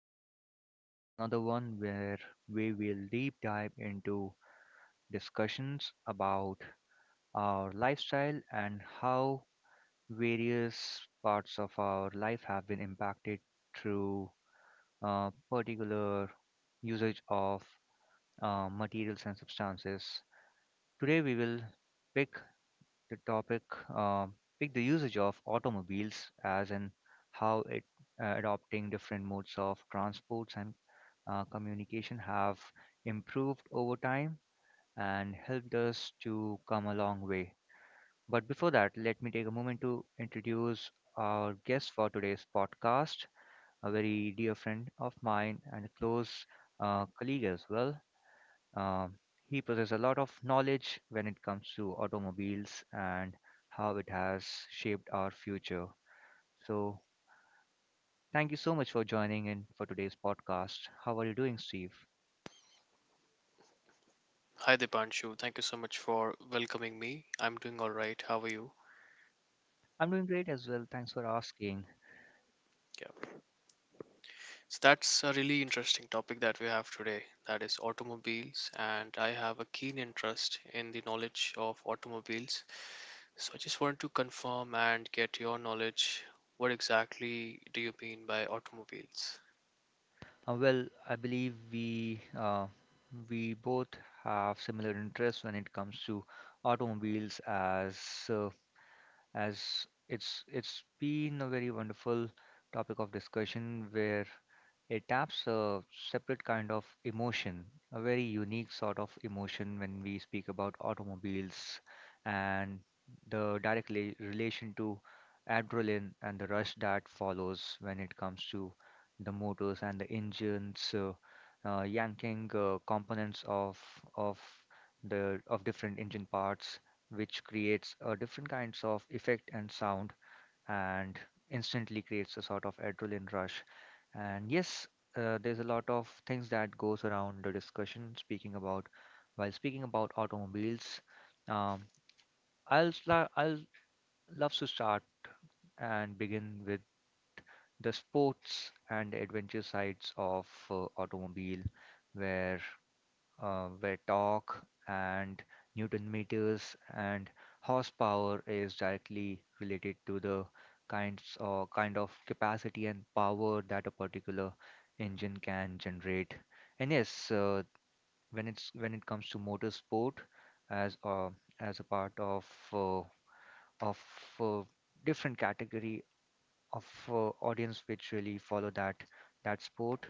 Podcast, yet another one where we will deep dive into discussions about our lifestyle and how various parts of our life have been impacted through particular usage of materials and substances. Today, we will pick the topic um picked the usage of automobiles as in how it adopting different modes of transports and communication have improved over time and helped us to come a long way. But before that, let me take a moment to introduce our guest for today's podcast, a very dear friend of mine and a close colleague as well. Um, he possesses a lot of knowledge when it comes to automobiles and how it has shaped our future. So, thank you so much for joining in for today's podcast. How are you doing, Steve? Hi Dipanshu, thank you so much for welcoming me. I'm doing all right. How are you? I'm doing great as well. Thanks for asking. Yeah. So that's a really interesting topic that we have today. That is automobiles, and I have a keen interest in the knowledge of automobiles. So I just want to confirm and get your knowledge. What exactly do you mean by automobiles? Well, I believe we both have similar interests when it comes to automobiles, as uh, it's been a very wonderful topic of discussion where it taps a separate kind of emotion, a very unique sort of emotion when we speak about automobiles and the direct relation to adrenaline and the rush that follows when it comes to the motors and the engines, yanking components of the of different engine parts which creates different kinds of effect and sound and instantly creates a sort of adrenaline rush. And yes, there's a lot of things that goes around the discussion speaking about automobiles. um, I'll love to start and begin with the sports and adventure sides of automobile, where torque and Newton meters and horsepower is directly related to the kind of capacity and power that a particular engine can generate. And yes, when it comes to motorsport, as uh, as a part of uh, of uh, different category of audience which really follow that sport,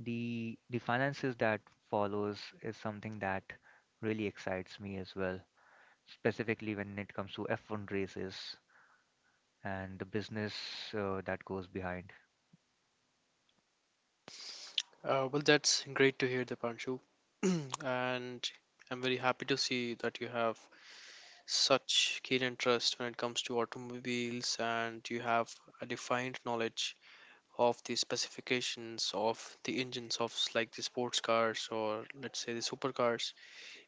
the finances that follows is something that really excites me as well, specifically when it comes to F1 races and the business that goes behind. Well, that's great to hear, Dipanshu, and I'm very happy to see that you have such keen interest when it comes to automobiles and you have a defined knowledge of the specifications of the engines of like the sports cars or let's say the supercars.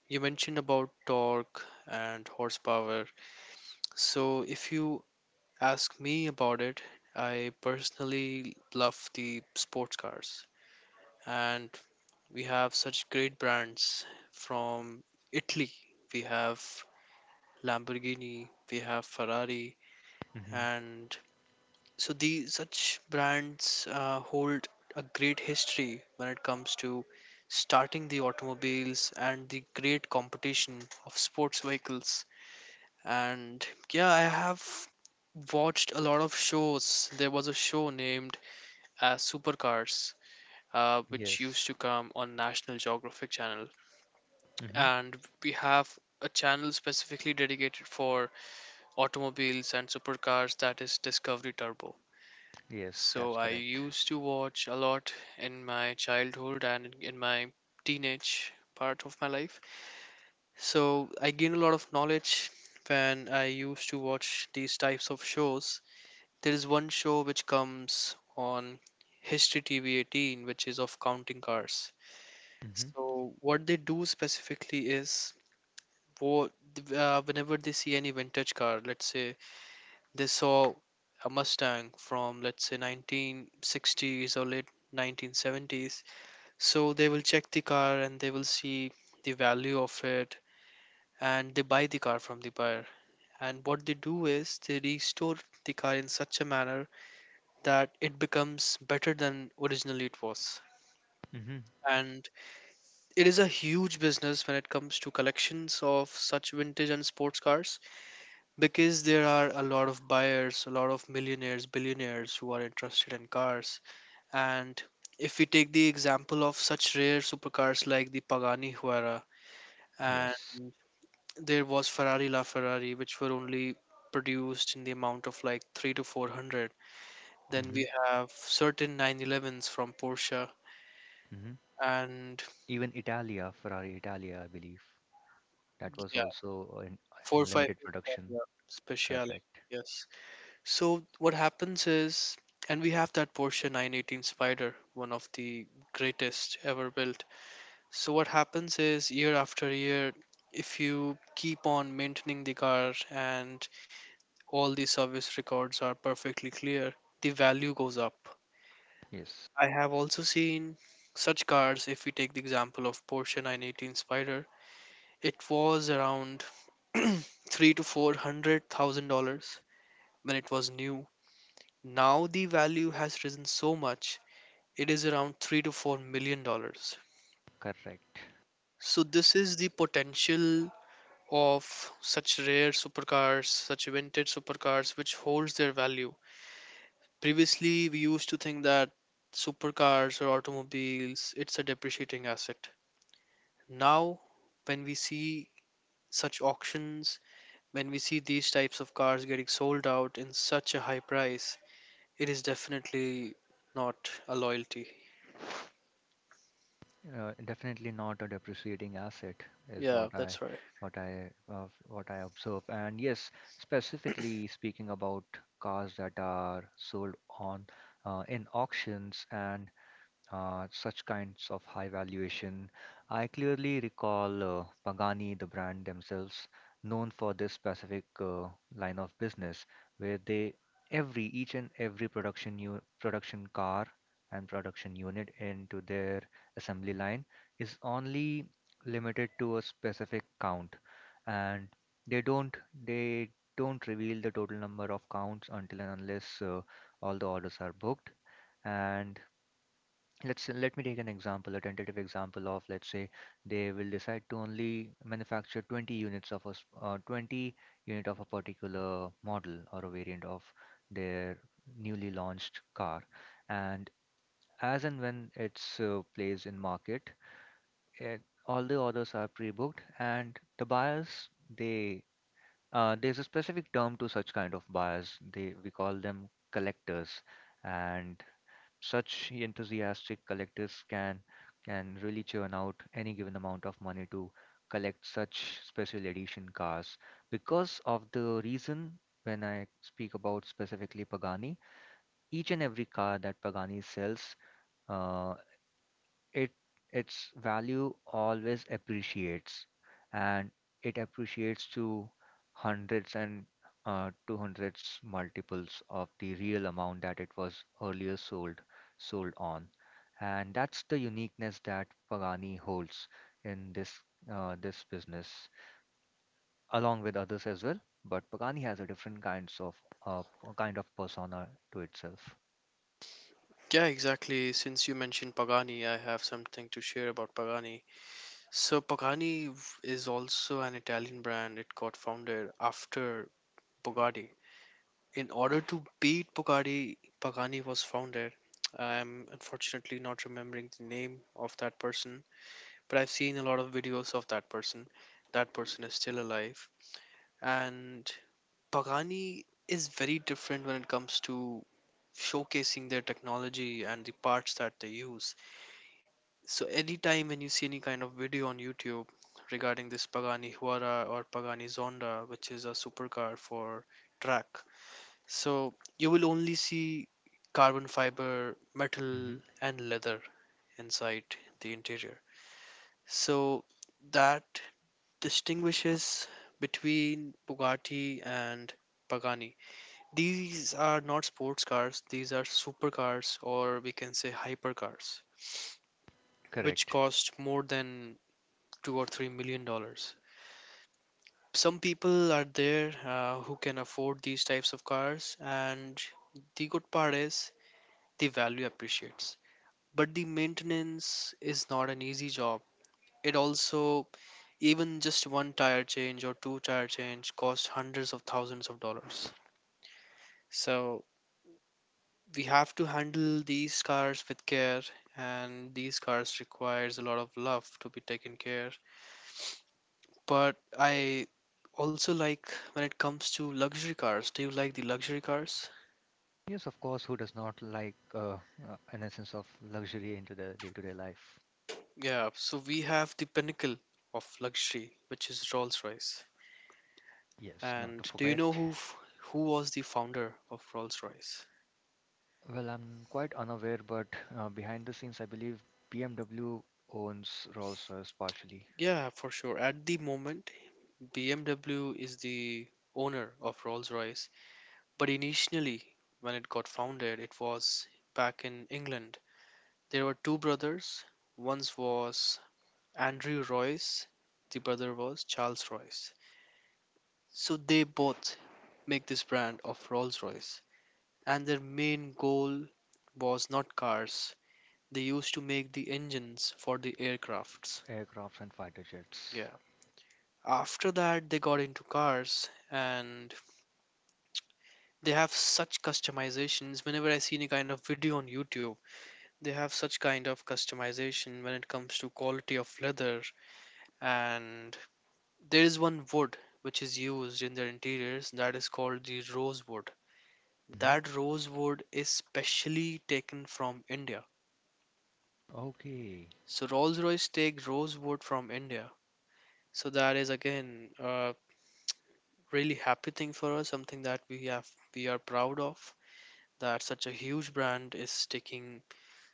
You mentioned about torque and horsepower, so if you ask me about it, I personally love the sports cars, and we have such great brands from Italy. We have Lamborghini, we have Ferrari, Hmm. and so these such brands hold a great history when it comes to starting the automobiles and the great competition of sports vehicles. And yeah, I have watched a lot of shows. There was a show named as Supercars, which used to Yes. come on National Geographic channel. Hmm. And we have a channel specifically dedicated for automobiles and supercars, that is Discovery Turbo. Yes, So that's I correct. used to watch a lot in my childhood and in my teenage part of my life. So I gained a lot of knowledge when I used to watch these types of shows. There is one show which comes on History TV 18, which is of counting cars. Hmm. So what they do specifically is, wo- whenever they see any vintage car, let's say they saw a Mustang from let's say 1960s or late 1970s. So they will check the car and they will see the value of it, and they buy the car from the buyer. And what they do is they restore the car in such a manner that it becomes better than originally it was. Hmm. And it is a huge business when it comes to collections of such vintage and sports cars, because there are a lot of buyers, a lot of millionaires, billionaires who are interested in cars. And if we take the example of such rare supercars like the Pagani Huayra, and Yes. there was Ferrari La Ferrari, which were only produced in the amount of like three to four hundred. Then we Hmm. have certain 911s from Porsche, Hmm. and Even Italia, Ferrari Italia, I believe, that was yeah, also in, four in five limited production. Italia Speciale. Correct. Yes. So what happens is, and we have that Porsche 918 Spider, one of the greatest ever built. So what happens is year after year, if you keep on maintaining the car and all the service records are perfectly clear, the value goes up. Yes, I have also seen such cars. If we take the example of Porsche 918 Spider, it was around three to four hundred thousand dollars when it was new. Now the value has risen so much, it is around $3 to $4 million. correct. So this is the potential of such rare supercars, such vintage supercars, which holds their value. Previously, we used to think that supercars or automobiles, it's a depreciating asset. Now, when we see such auctions, when we see these types of cars getting sold out in such a high price, it is definitely not a loyalty. Definitely not a depreciating asset is Yeah, that's right. What I observe. And yes, specifically speaking about cars that are sold on in auctions and such kinds of high valuation. I clearly recall Pagani, the brand themselves, known for this specific line of business, where they every each and every production car and production unit into their assembly line is only limited to a specific count, and they don't they don't reveal the total number of counts until and unless all the orders are booked. And let me take an example, a tentative example. Of let's say they will decide to only manufacture 20 units of 20 unit of a particular model or a variant of their newly launched car. And as and when it's placed in market, it, all the orders are pre-booked and the buyers, they there's a specific term to such kind of buyers, they we call them collectors. And such enthusiastic collectors can really churn out any given amount of money to collect such special edition cars, because of the reason, when I speak about specifically Pagani, each and every car that Pagani sells, uh, it its value always appreciates, and it appreciates to hundreds and 200s multiples of the real amount that it was earlier sold on. And that's the uniqueness that Pagani holds in this business, along with others as well. But Pagani has a different uh, kind of persona to itself. Yeah, exactly. Since you mentioned Pagani, I have something to share about Pagani. So Pagani is also an Italian brand. It got founded after Bugatti. In order to beat Bugatti, Pagani was founded. I'm unfortunately not remembering the name of that person, but I've seen a lot of videos of that person. That person is still alive. And Pagani is very different when it comes to showcasing their technology and the parts that they use. So anytime when you see any kind of video on YouTube regarding this Pagani Huara or Pagani Zonda, which is a supercar for track, so you will only see carbon fiber, metal, Hmm. and leather inside the interior. So that distinguishes between Bugatti and Pagani. These are not sports cars, these are supercars, or we can say hypercars, which Correct. cost more than $2 or $3 million. Some people are there who can afford these types of cars, and the good part is the value appreciates. But the maintenance is not an easy job. It also, even just one tire change or two tire change, costs hundreds of thousands of dollars. So we have to handle these cars with care, and these cars requires a lot of love to be taken care. But I also like when it comes to luxury cars. Do you like the luxury cars? Yes, of course. Who does not like an essence of luxury into their day to day life? Yeah, so we have the pinnacle of luxury, which is Rolls-Royce. Yes, not to And do you know forget. who who was the founder of Rolls-Royce? Well, I'm quite unaware, but behind the scenes, I believe BMW owns Rolls Royce partially. Yeah, for sure. At the moment, BMW is the owner of Rolls-Royce, but initially when it got founded, it was back in England. There were two brothers. One was Andrew Royce, the brother was Charles Royce. So they both make this brand of Rolls Royce, and their main goal was not cars. They used to make the engines for the aircrafts. Aircrafts and fighter jets. Yeah. After that, they got into cars, and they have such customizations. Whenever I seen a kind of video on YouTube, they have such kind of customization when it comes to quality of leather, and there is one wood which is used in their interiors that is called the rosewood. Hmm. That rosewood is specially taken from India. Okay. So Rolls Royce take rosewood from India. So that is again a really happy thing for us, something that we have, we are proud of, that such a huge brand is taking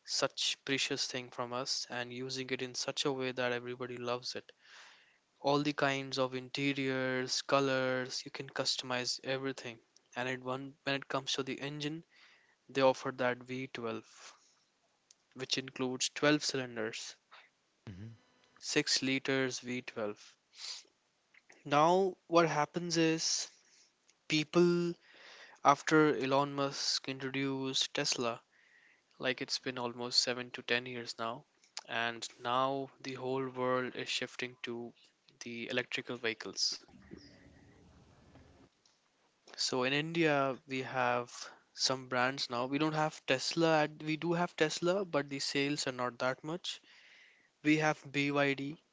such precious thing from us and using it in such a way that everybody loves it. All the kinds of interiors, colors, you can customize everything. And it one when it comes to the engine, they offer that V12, which includes 12 cylinders, Mhm. 6 liters V12. Now what happens is, people, after Elon Musk introduced Tesla, like it's been almost 7 to 10 years now, and now the whole world is shifting to the electrical vehicles. So in India, we have some brands now. We don't have Tesla. We do have Tesla, but the sales are not that much. We have BYD,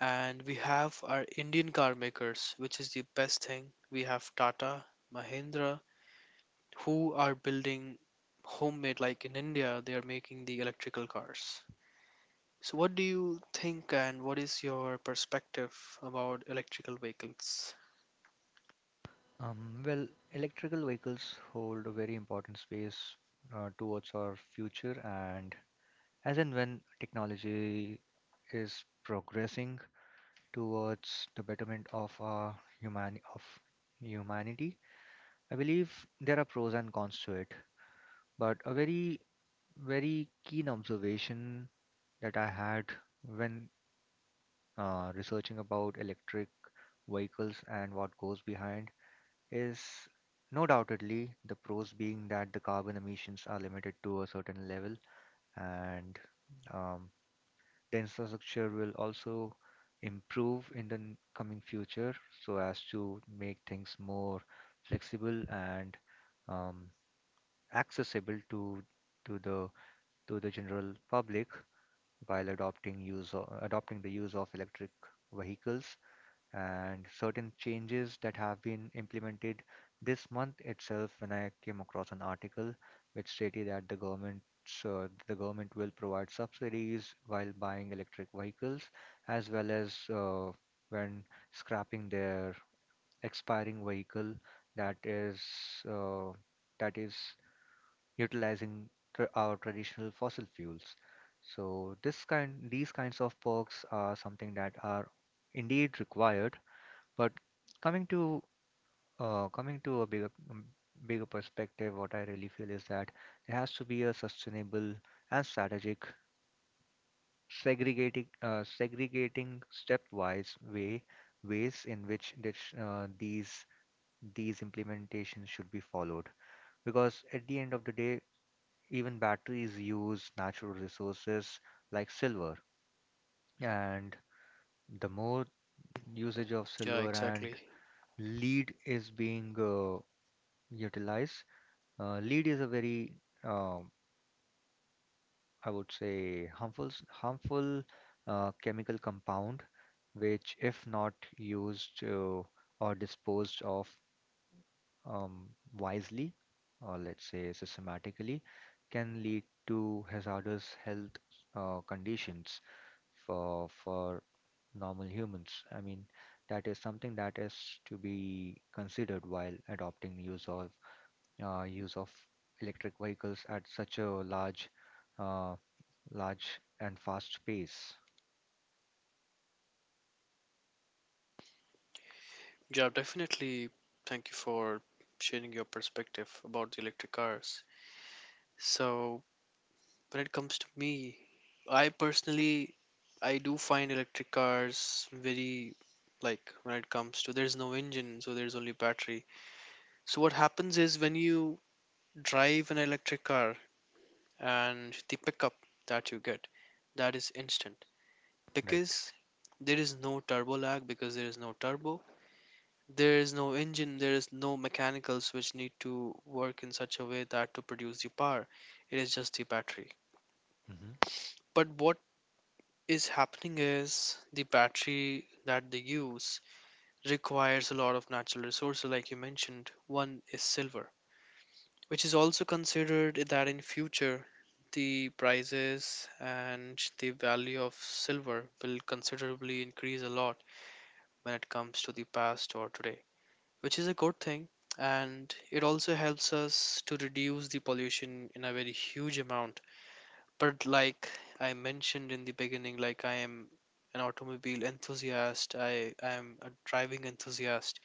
and we have our Indian car makers, which is the best thing. We have Tata, Mahindra, who are building homemade, like in India, they are making the electrical cars. So what do you think and what is your perspective about electrical vehicles? Well, electrical vehicles hold a very important space towards our future, and as and when technology is progressing towards the betterment of our human of humanity, I believe there are pros and cons to it. But a very very keen observation that I had when researching about electric vehicles and what goes behind is, no doubtedly, the pros being that the carbon emissions are limited to a certain level, and um, the infrastructure will also improve in the coming future, so as to make things more flexible and um, accessible to to the to the general public, while adopting use o adopting the use of electric vehicles. And certain changes that have been implemented this month itself, when I came across an article which stated that the government will provide subsidies while buying electric vehicles, as well as when scrapping their expiring vehicle that is uh, that is utilizing tr our traditional fossil fuels. So this kind these kinds of perks are something that are indeed required. But coming to a bigger bigger perspective, what I really feel is that there has to be a sustainable and strategic segregating stepwise way ways in which this, these implementations should be followed. Because at the end of the day, even batteries use natural resources like silver, and the more usage of Yeah, silver and exactly. lead is being utilized. Lead is a very, um, I would say, harmful, harmful chemical compound, which, if not used or disposed of um, wisely, or let's say systematically, can lead to hazardous health conditions for normal humans. I mean, that is something that is to be considered while adopting use of electric vehicles at such a large, uh, large and fast pace. Yeah, definitely. Thank you for sharing your perspective about the electric cars. So, when it comes to me, I personally, I do find electric cars very, like when it comes to there's no engine, so there's only battery. So what happens is when you drive an electric car and the pickup that you get, that is instant, Right. because there is no turbo lag because there is no turbo. There is no engine, there is no mechanicals which need to work in such a way that to produce the power. It is just the battery. Hmm. But what is happening is the battery that they use requires a lot of natural resources, like you mentioned. One is silver, which is also considered that in future the prices and the value of silver will considerably increase a lot when it comes to the past or today. Which is a good thing. And it also helps us to reduce the pollution in a very huge amount. But like I mentioned in the beginning, like I am an automobile enthusiast, I am a driving enthusiast.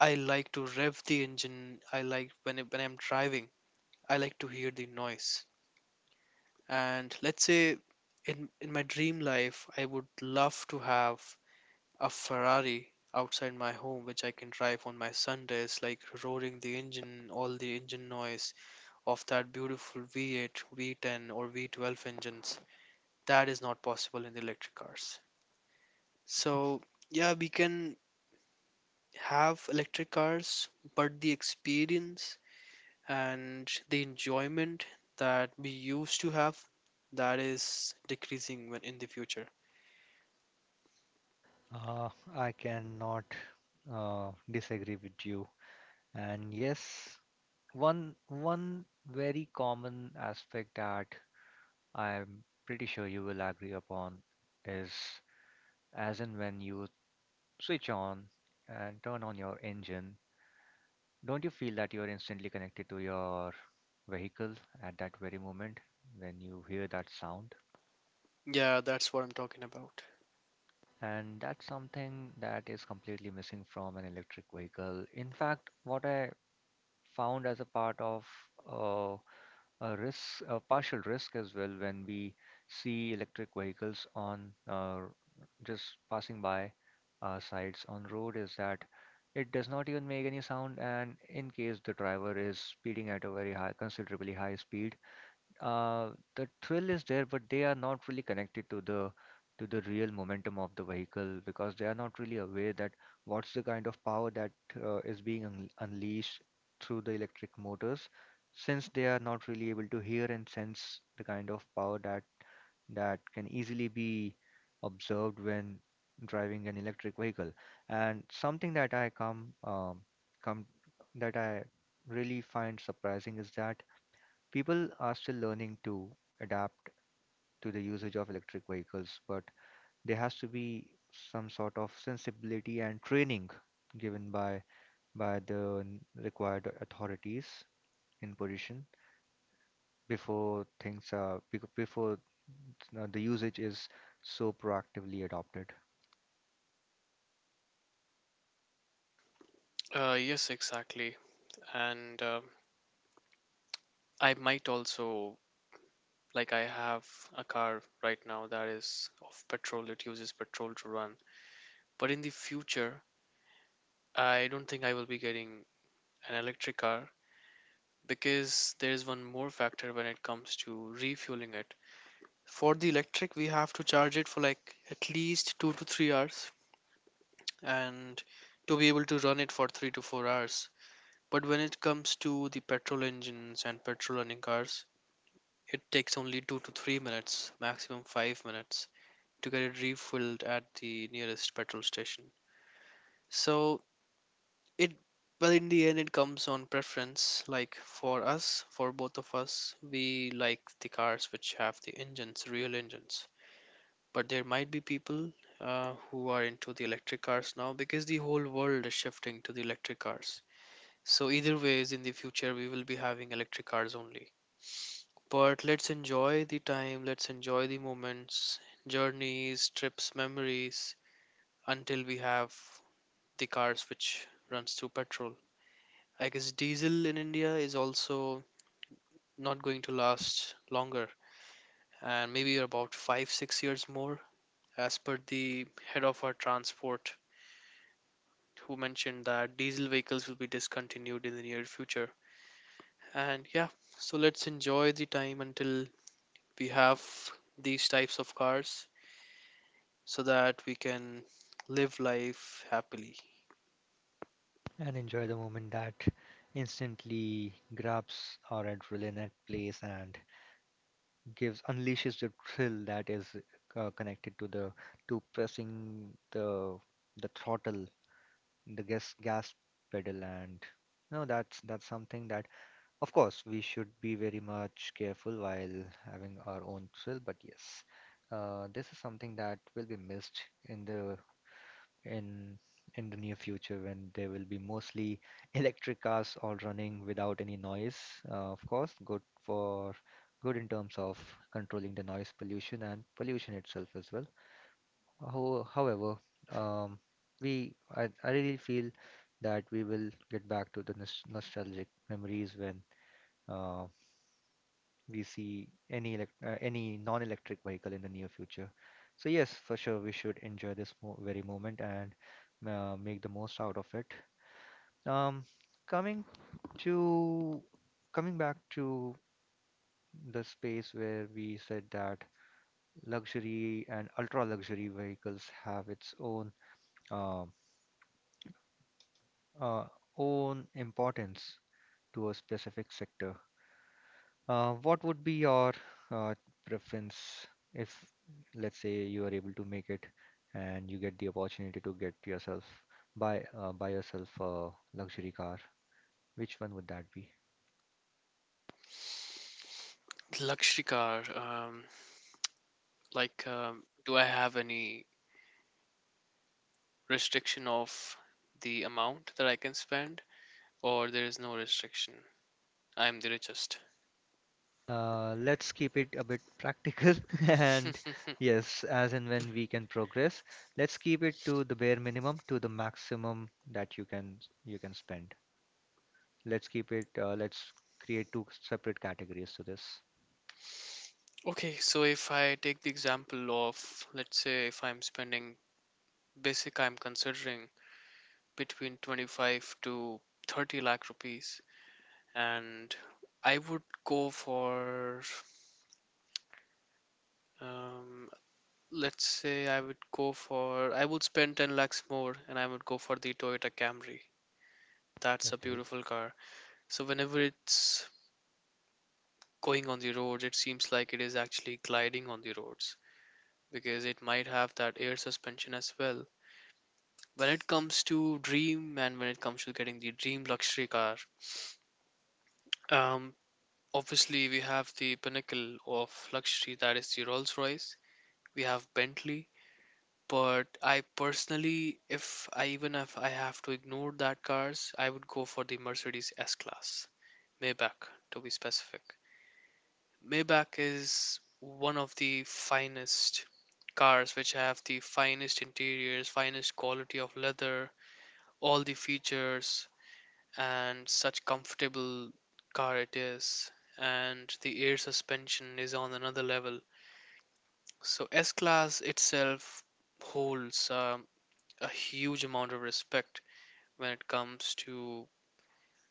I like to rev the engine. I like when, it, when I'm driving, I like to hear the noise. And let's say in my dream life, I would love to have a Ferrari outside my home, which I can drive on my Sundays, like roaring the engine, all the engine noise of that beautiful V8, V10, or V12 engines. That is not possible in the electric cars. So, yeah, we can have electric cars, but the experience and the enjoyment that we used to have, that is decreasing in the future. Uh, I cannot disagree with you. And yes, one one very common aspect that I'm pretty sure you will agree upon is, as and when you switch on and turn on your engine, don't you feel that you are instantly connected to your vehicle at that very moment when you hear that sound? Yeah, that's what I'm talking about. And that's something that is completely missing from an electric vehicle. In fact, what I found as a part of uh, a risk, a partial risk as well, when we see electric vehicles on just passing by our sides on road, is that it does not even make any sound. And in case the driver is speeding at a very high, considerably high speed, the thrill is there, but they are not really connected to the real momentum of the vehicle, because they are not really aware that what's the kind of power that is being un unleashed through the electric motors, since they are not really able to hear and sense the kind of power that can easily be observed when driving an electric vehicle. And something that I come come that I really find surprising is that people are still learning to adapt to the usage of electric vehicles, but there has to be some sort of sensibility and training given by required authorities in position, before things are bec- before the usage is so proactively adopted. Yes, exactly. And I might also, like I have a car right now that is of petrol. It uses petrol to run. But in the future, I don't think I will be getting an electric car, because there is one more factor when it comes to refueling it. For the electric, we have to charge it for like at least 2 to 3 hours and to be able to run it for 3 to 4 hours. But when it comes to the petrol engines and petrol running cars, it takes only 2 to 3 minutes, maximum 5 minutes to get it refilled at the nearest petrol station. So, it well, in the end, it comes on preference. Like for both of us, we like the cars which have the engines real engines, but there might be people who are into the electric cars now, because the whole world is shifting to the electric cars. So either ways, in the future we will be having electric cars only. But let's enjoy the time, let's enjoy the moments, journeys, trips, memories, until we have the cars which runs through petrol. I guess diesel in India is also not going to last longer, and maybe about 5 6 years more, as per the head of our transport, who mentioned that diesel vehicles will be discontinued in the near future. And yeah, so let's enjoy the time until we have these types of cars so that we can live life happily. And enjoy the moment that instantly grabs our adrenaline at place and gives unleashes the thrill that is connected to the to pressing the throttle, the gas pedal, and no, that's something that, of course, we should be very much careful while having our own thrill. But yes, this is something that will be missed in the in in the near future, when there will be mostly electric cars all running without any noise. Of course, good for good in terms of controlling the noise pollution and pollution itself as well. However, um, we I, really feel that we will get back to the nostalgic memories when uh, we see any any non-electric vehicle in the near future. So yes, for sure, we should enjoy this very moment and make the most out of it. Um, coming to Coming back to the space where we said that luxury and ultra luxury vehicles have its own uh, uh, own importance to a specific sector. What would be your uh, preference if, let's say, you are able to make it and you get the opportunity to get yourself buy buy yourself a luxury car? Which one would that be? Luxury car. Like, do I have any restriction of the amount that I can spend, or there is no restriction? I'm the richest. Let's keep it a bit practical and yes, as and when we can progress, let's keep it to the bare minimum to the maximum that you can spend. Let's keep it. Let's create two separate categories to this. Okay, so if I take the example of, let's say, if I'm spending basic, I'm considering between 25 to 30 lakh rupees, and I would go for, um, let's say, I would spend 10 lakhs more, and I would go for the Toyota Camry. That's a Okay. beautiful car. So whenever it's going on the roads, it seems like it is actually gliding on the roads, because it might have that air suspension as well. When it comes to dream and when it comes to getting the dream luxury car, um, obviously we have the pinnacle of luxury, that is the Rolls Royce. We have Bentley, but I personally, if I even if I have to ignore that cars, I would go for the Mercedes S-Class, Maybach to be specific. Maybach is one of the finest cars which have the finest interiors, finest quality of leather, all the features, and such comfortable car it is, and the air suspension is on another level. So S-Class itself holds a huge amount of respect when it comes to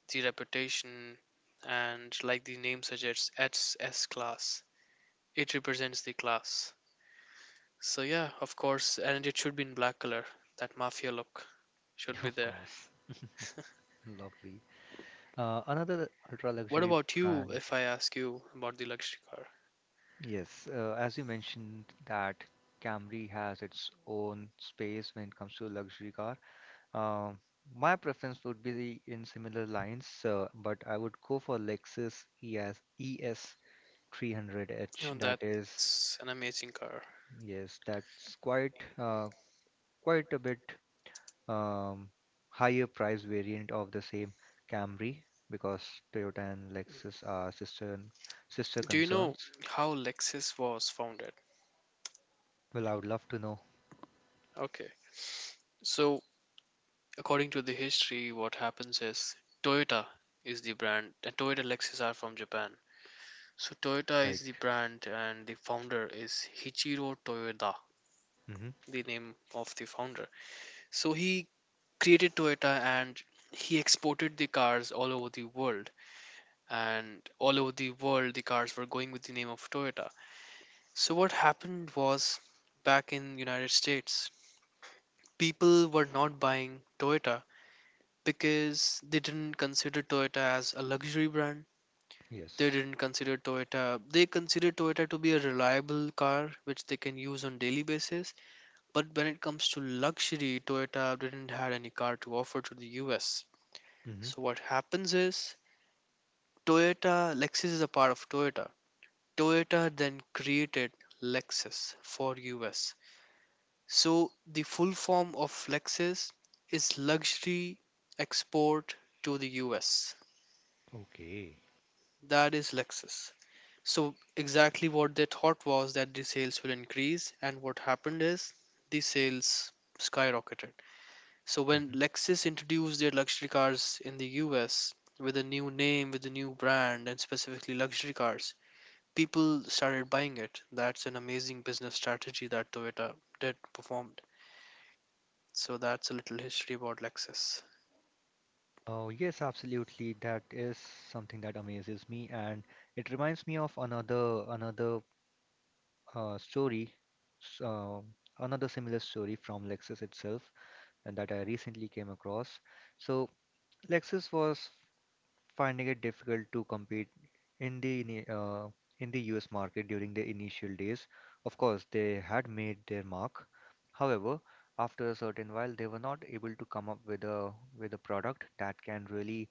the reputation, and like the name suggests, it's S-Class. It represents the class. So yeah, of course, and it should be in black color. That mafia look should be Of there. course, lovely. Another ultra What luxury about you, brand. if I ask you about the luxury car? Yes, as you mentioned that Camry has its own space when it comes to luxury car. Um, my preference would be in similar lines, but I would go for Lexus ES You 300H. know, That that's is, an amazing car. yes, that's quite quite a bit um, higher price variant of the same Camry, because Toyota and Lexus are sister Do you know concerns. how Lexus was founded? Well, I would love to know. Okay. So, according to the history, what happens is Toyota is the brand, and Toyota Lexus are from Japan. So, Toyota is Right. the brand, and the founder is Hichiro Toyoda, Mm-hmm. the name of the founder. So, he created Toyota and he exported the cars all over the world. And all over the world, the cars were going with the name of Toyota. So what happened was, back in United States, people were not buying Toyota because they didn't consider Toyota as a luxury brand. They Yes. didn't consider Toyota. They considered Toyota to be a reliable car which they can use on daily basis. But when it comes to luxury, Toyota didn't have any car to offer to the US. Mm-hmm. So what happens is, Toyota Lexus is a part of Toyota. Toyota then created Lexus for US. So the full form of Lexus is luxury export to the US. Okay. That is Lexus. So exactly what they thought was that the sales will increase, and what happened is the sales skyrocketed. So when Hmm. Lexus introduced their luxury cars in the US with a new name, with a new brand and specifically luxury cars, people started buying it. That's an amazing business strategy that Toyota did performed. So that's a little history about Lexus. Oh, yes, absolutely. That is something that amazes me, and it reminds me of another story, s- uh, another similar story from Lexus itself, and that I recently came across. So Lexus was finding it difficult to compete in the US market during the initial days. Of course, they had made their mark. However, after a certain while, they were not able to come up with a product that can really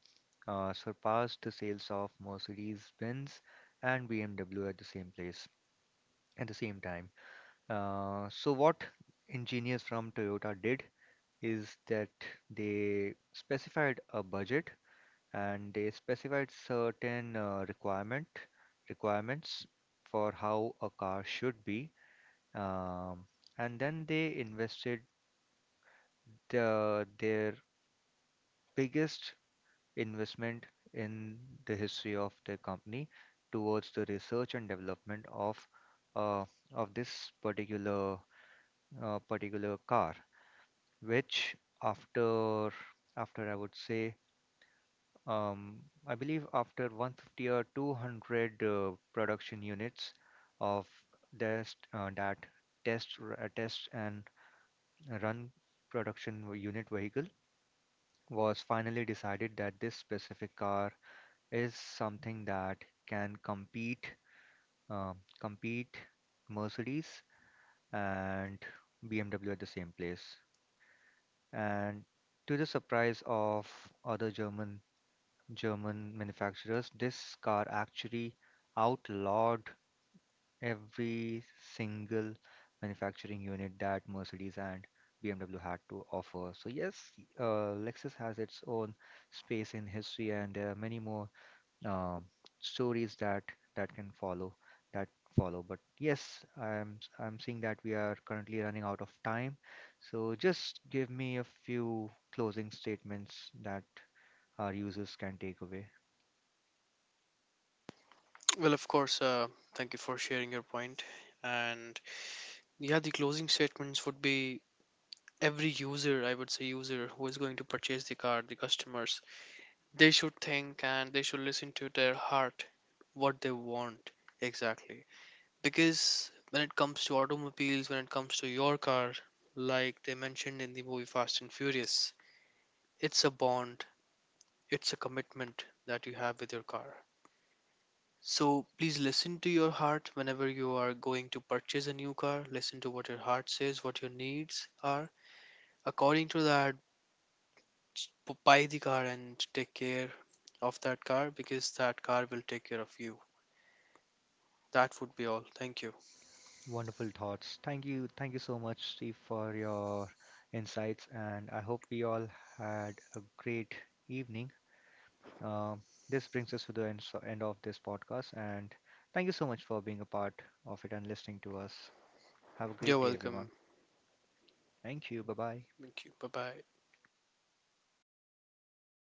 surpass the sales of Mercedes-Benz and BMW at the same place at the same time. So what engineers from Toyota did is that they specified a budget, and they specified certain requirements for how a car should be, um, and then they invested their biggest investment in the history of their company towards the research and development of uh, this particular car, which after after, I would say, Um, I believe, after 150 or 200 production units of this, test and run unit vehicle, was finally decided that this specific car is something that can compete, uh, compete Mercedes and BMW at the same place. And to the surprise of other German manufacturers, this car actually outlawed every single manufacturing unit that Mercedes and BMW had to offer. So yes, Lexus has its own space in history, and there are many more uh, stories that that can follow that follow. But yes, I'm seeing that we are currently running out of time. So just give me a few closing statements that our users can take away. Well, of course, thank you for sharing your point. And yeah, the closing statements would be, every user, I would say, user who is going to purchase the car, the customers, they should think and they should listen to their heart, what they want exactly. Because when it comes to automobiles, when it comes to your car, like they mentioned in the movie Fast and Furious, it's a bond, it's a commitment that you have with your car. So please listen to your heart whenever you are going to purchase a new car. Listen to what your heart says, what your needs are. According to that, buy the car and take care of that car, because that car will take care of you. That would be all. Thank you. Wonderful thoughts. Thank you. Thank you so much, Steve, for your insights. And I hope we all had a great evening. Um, this brings us to the end, end of this podcast. And thank you so much for being a part of it and listening to us. Have a You're great day, welcome. everyone. Thank you. Bye bye. Thank you. Bye bye.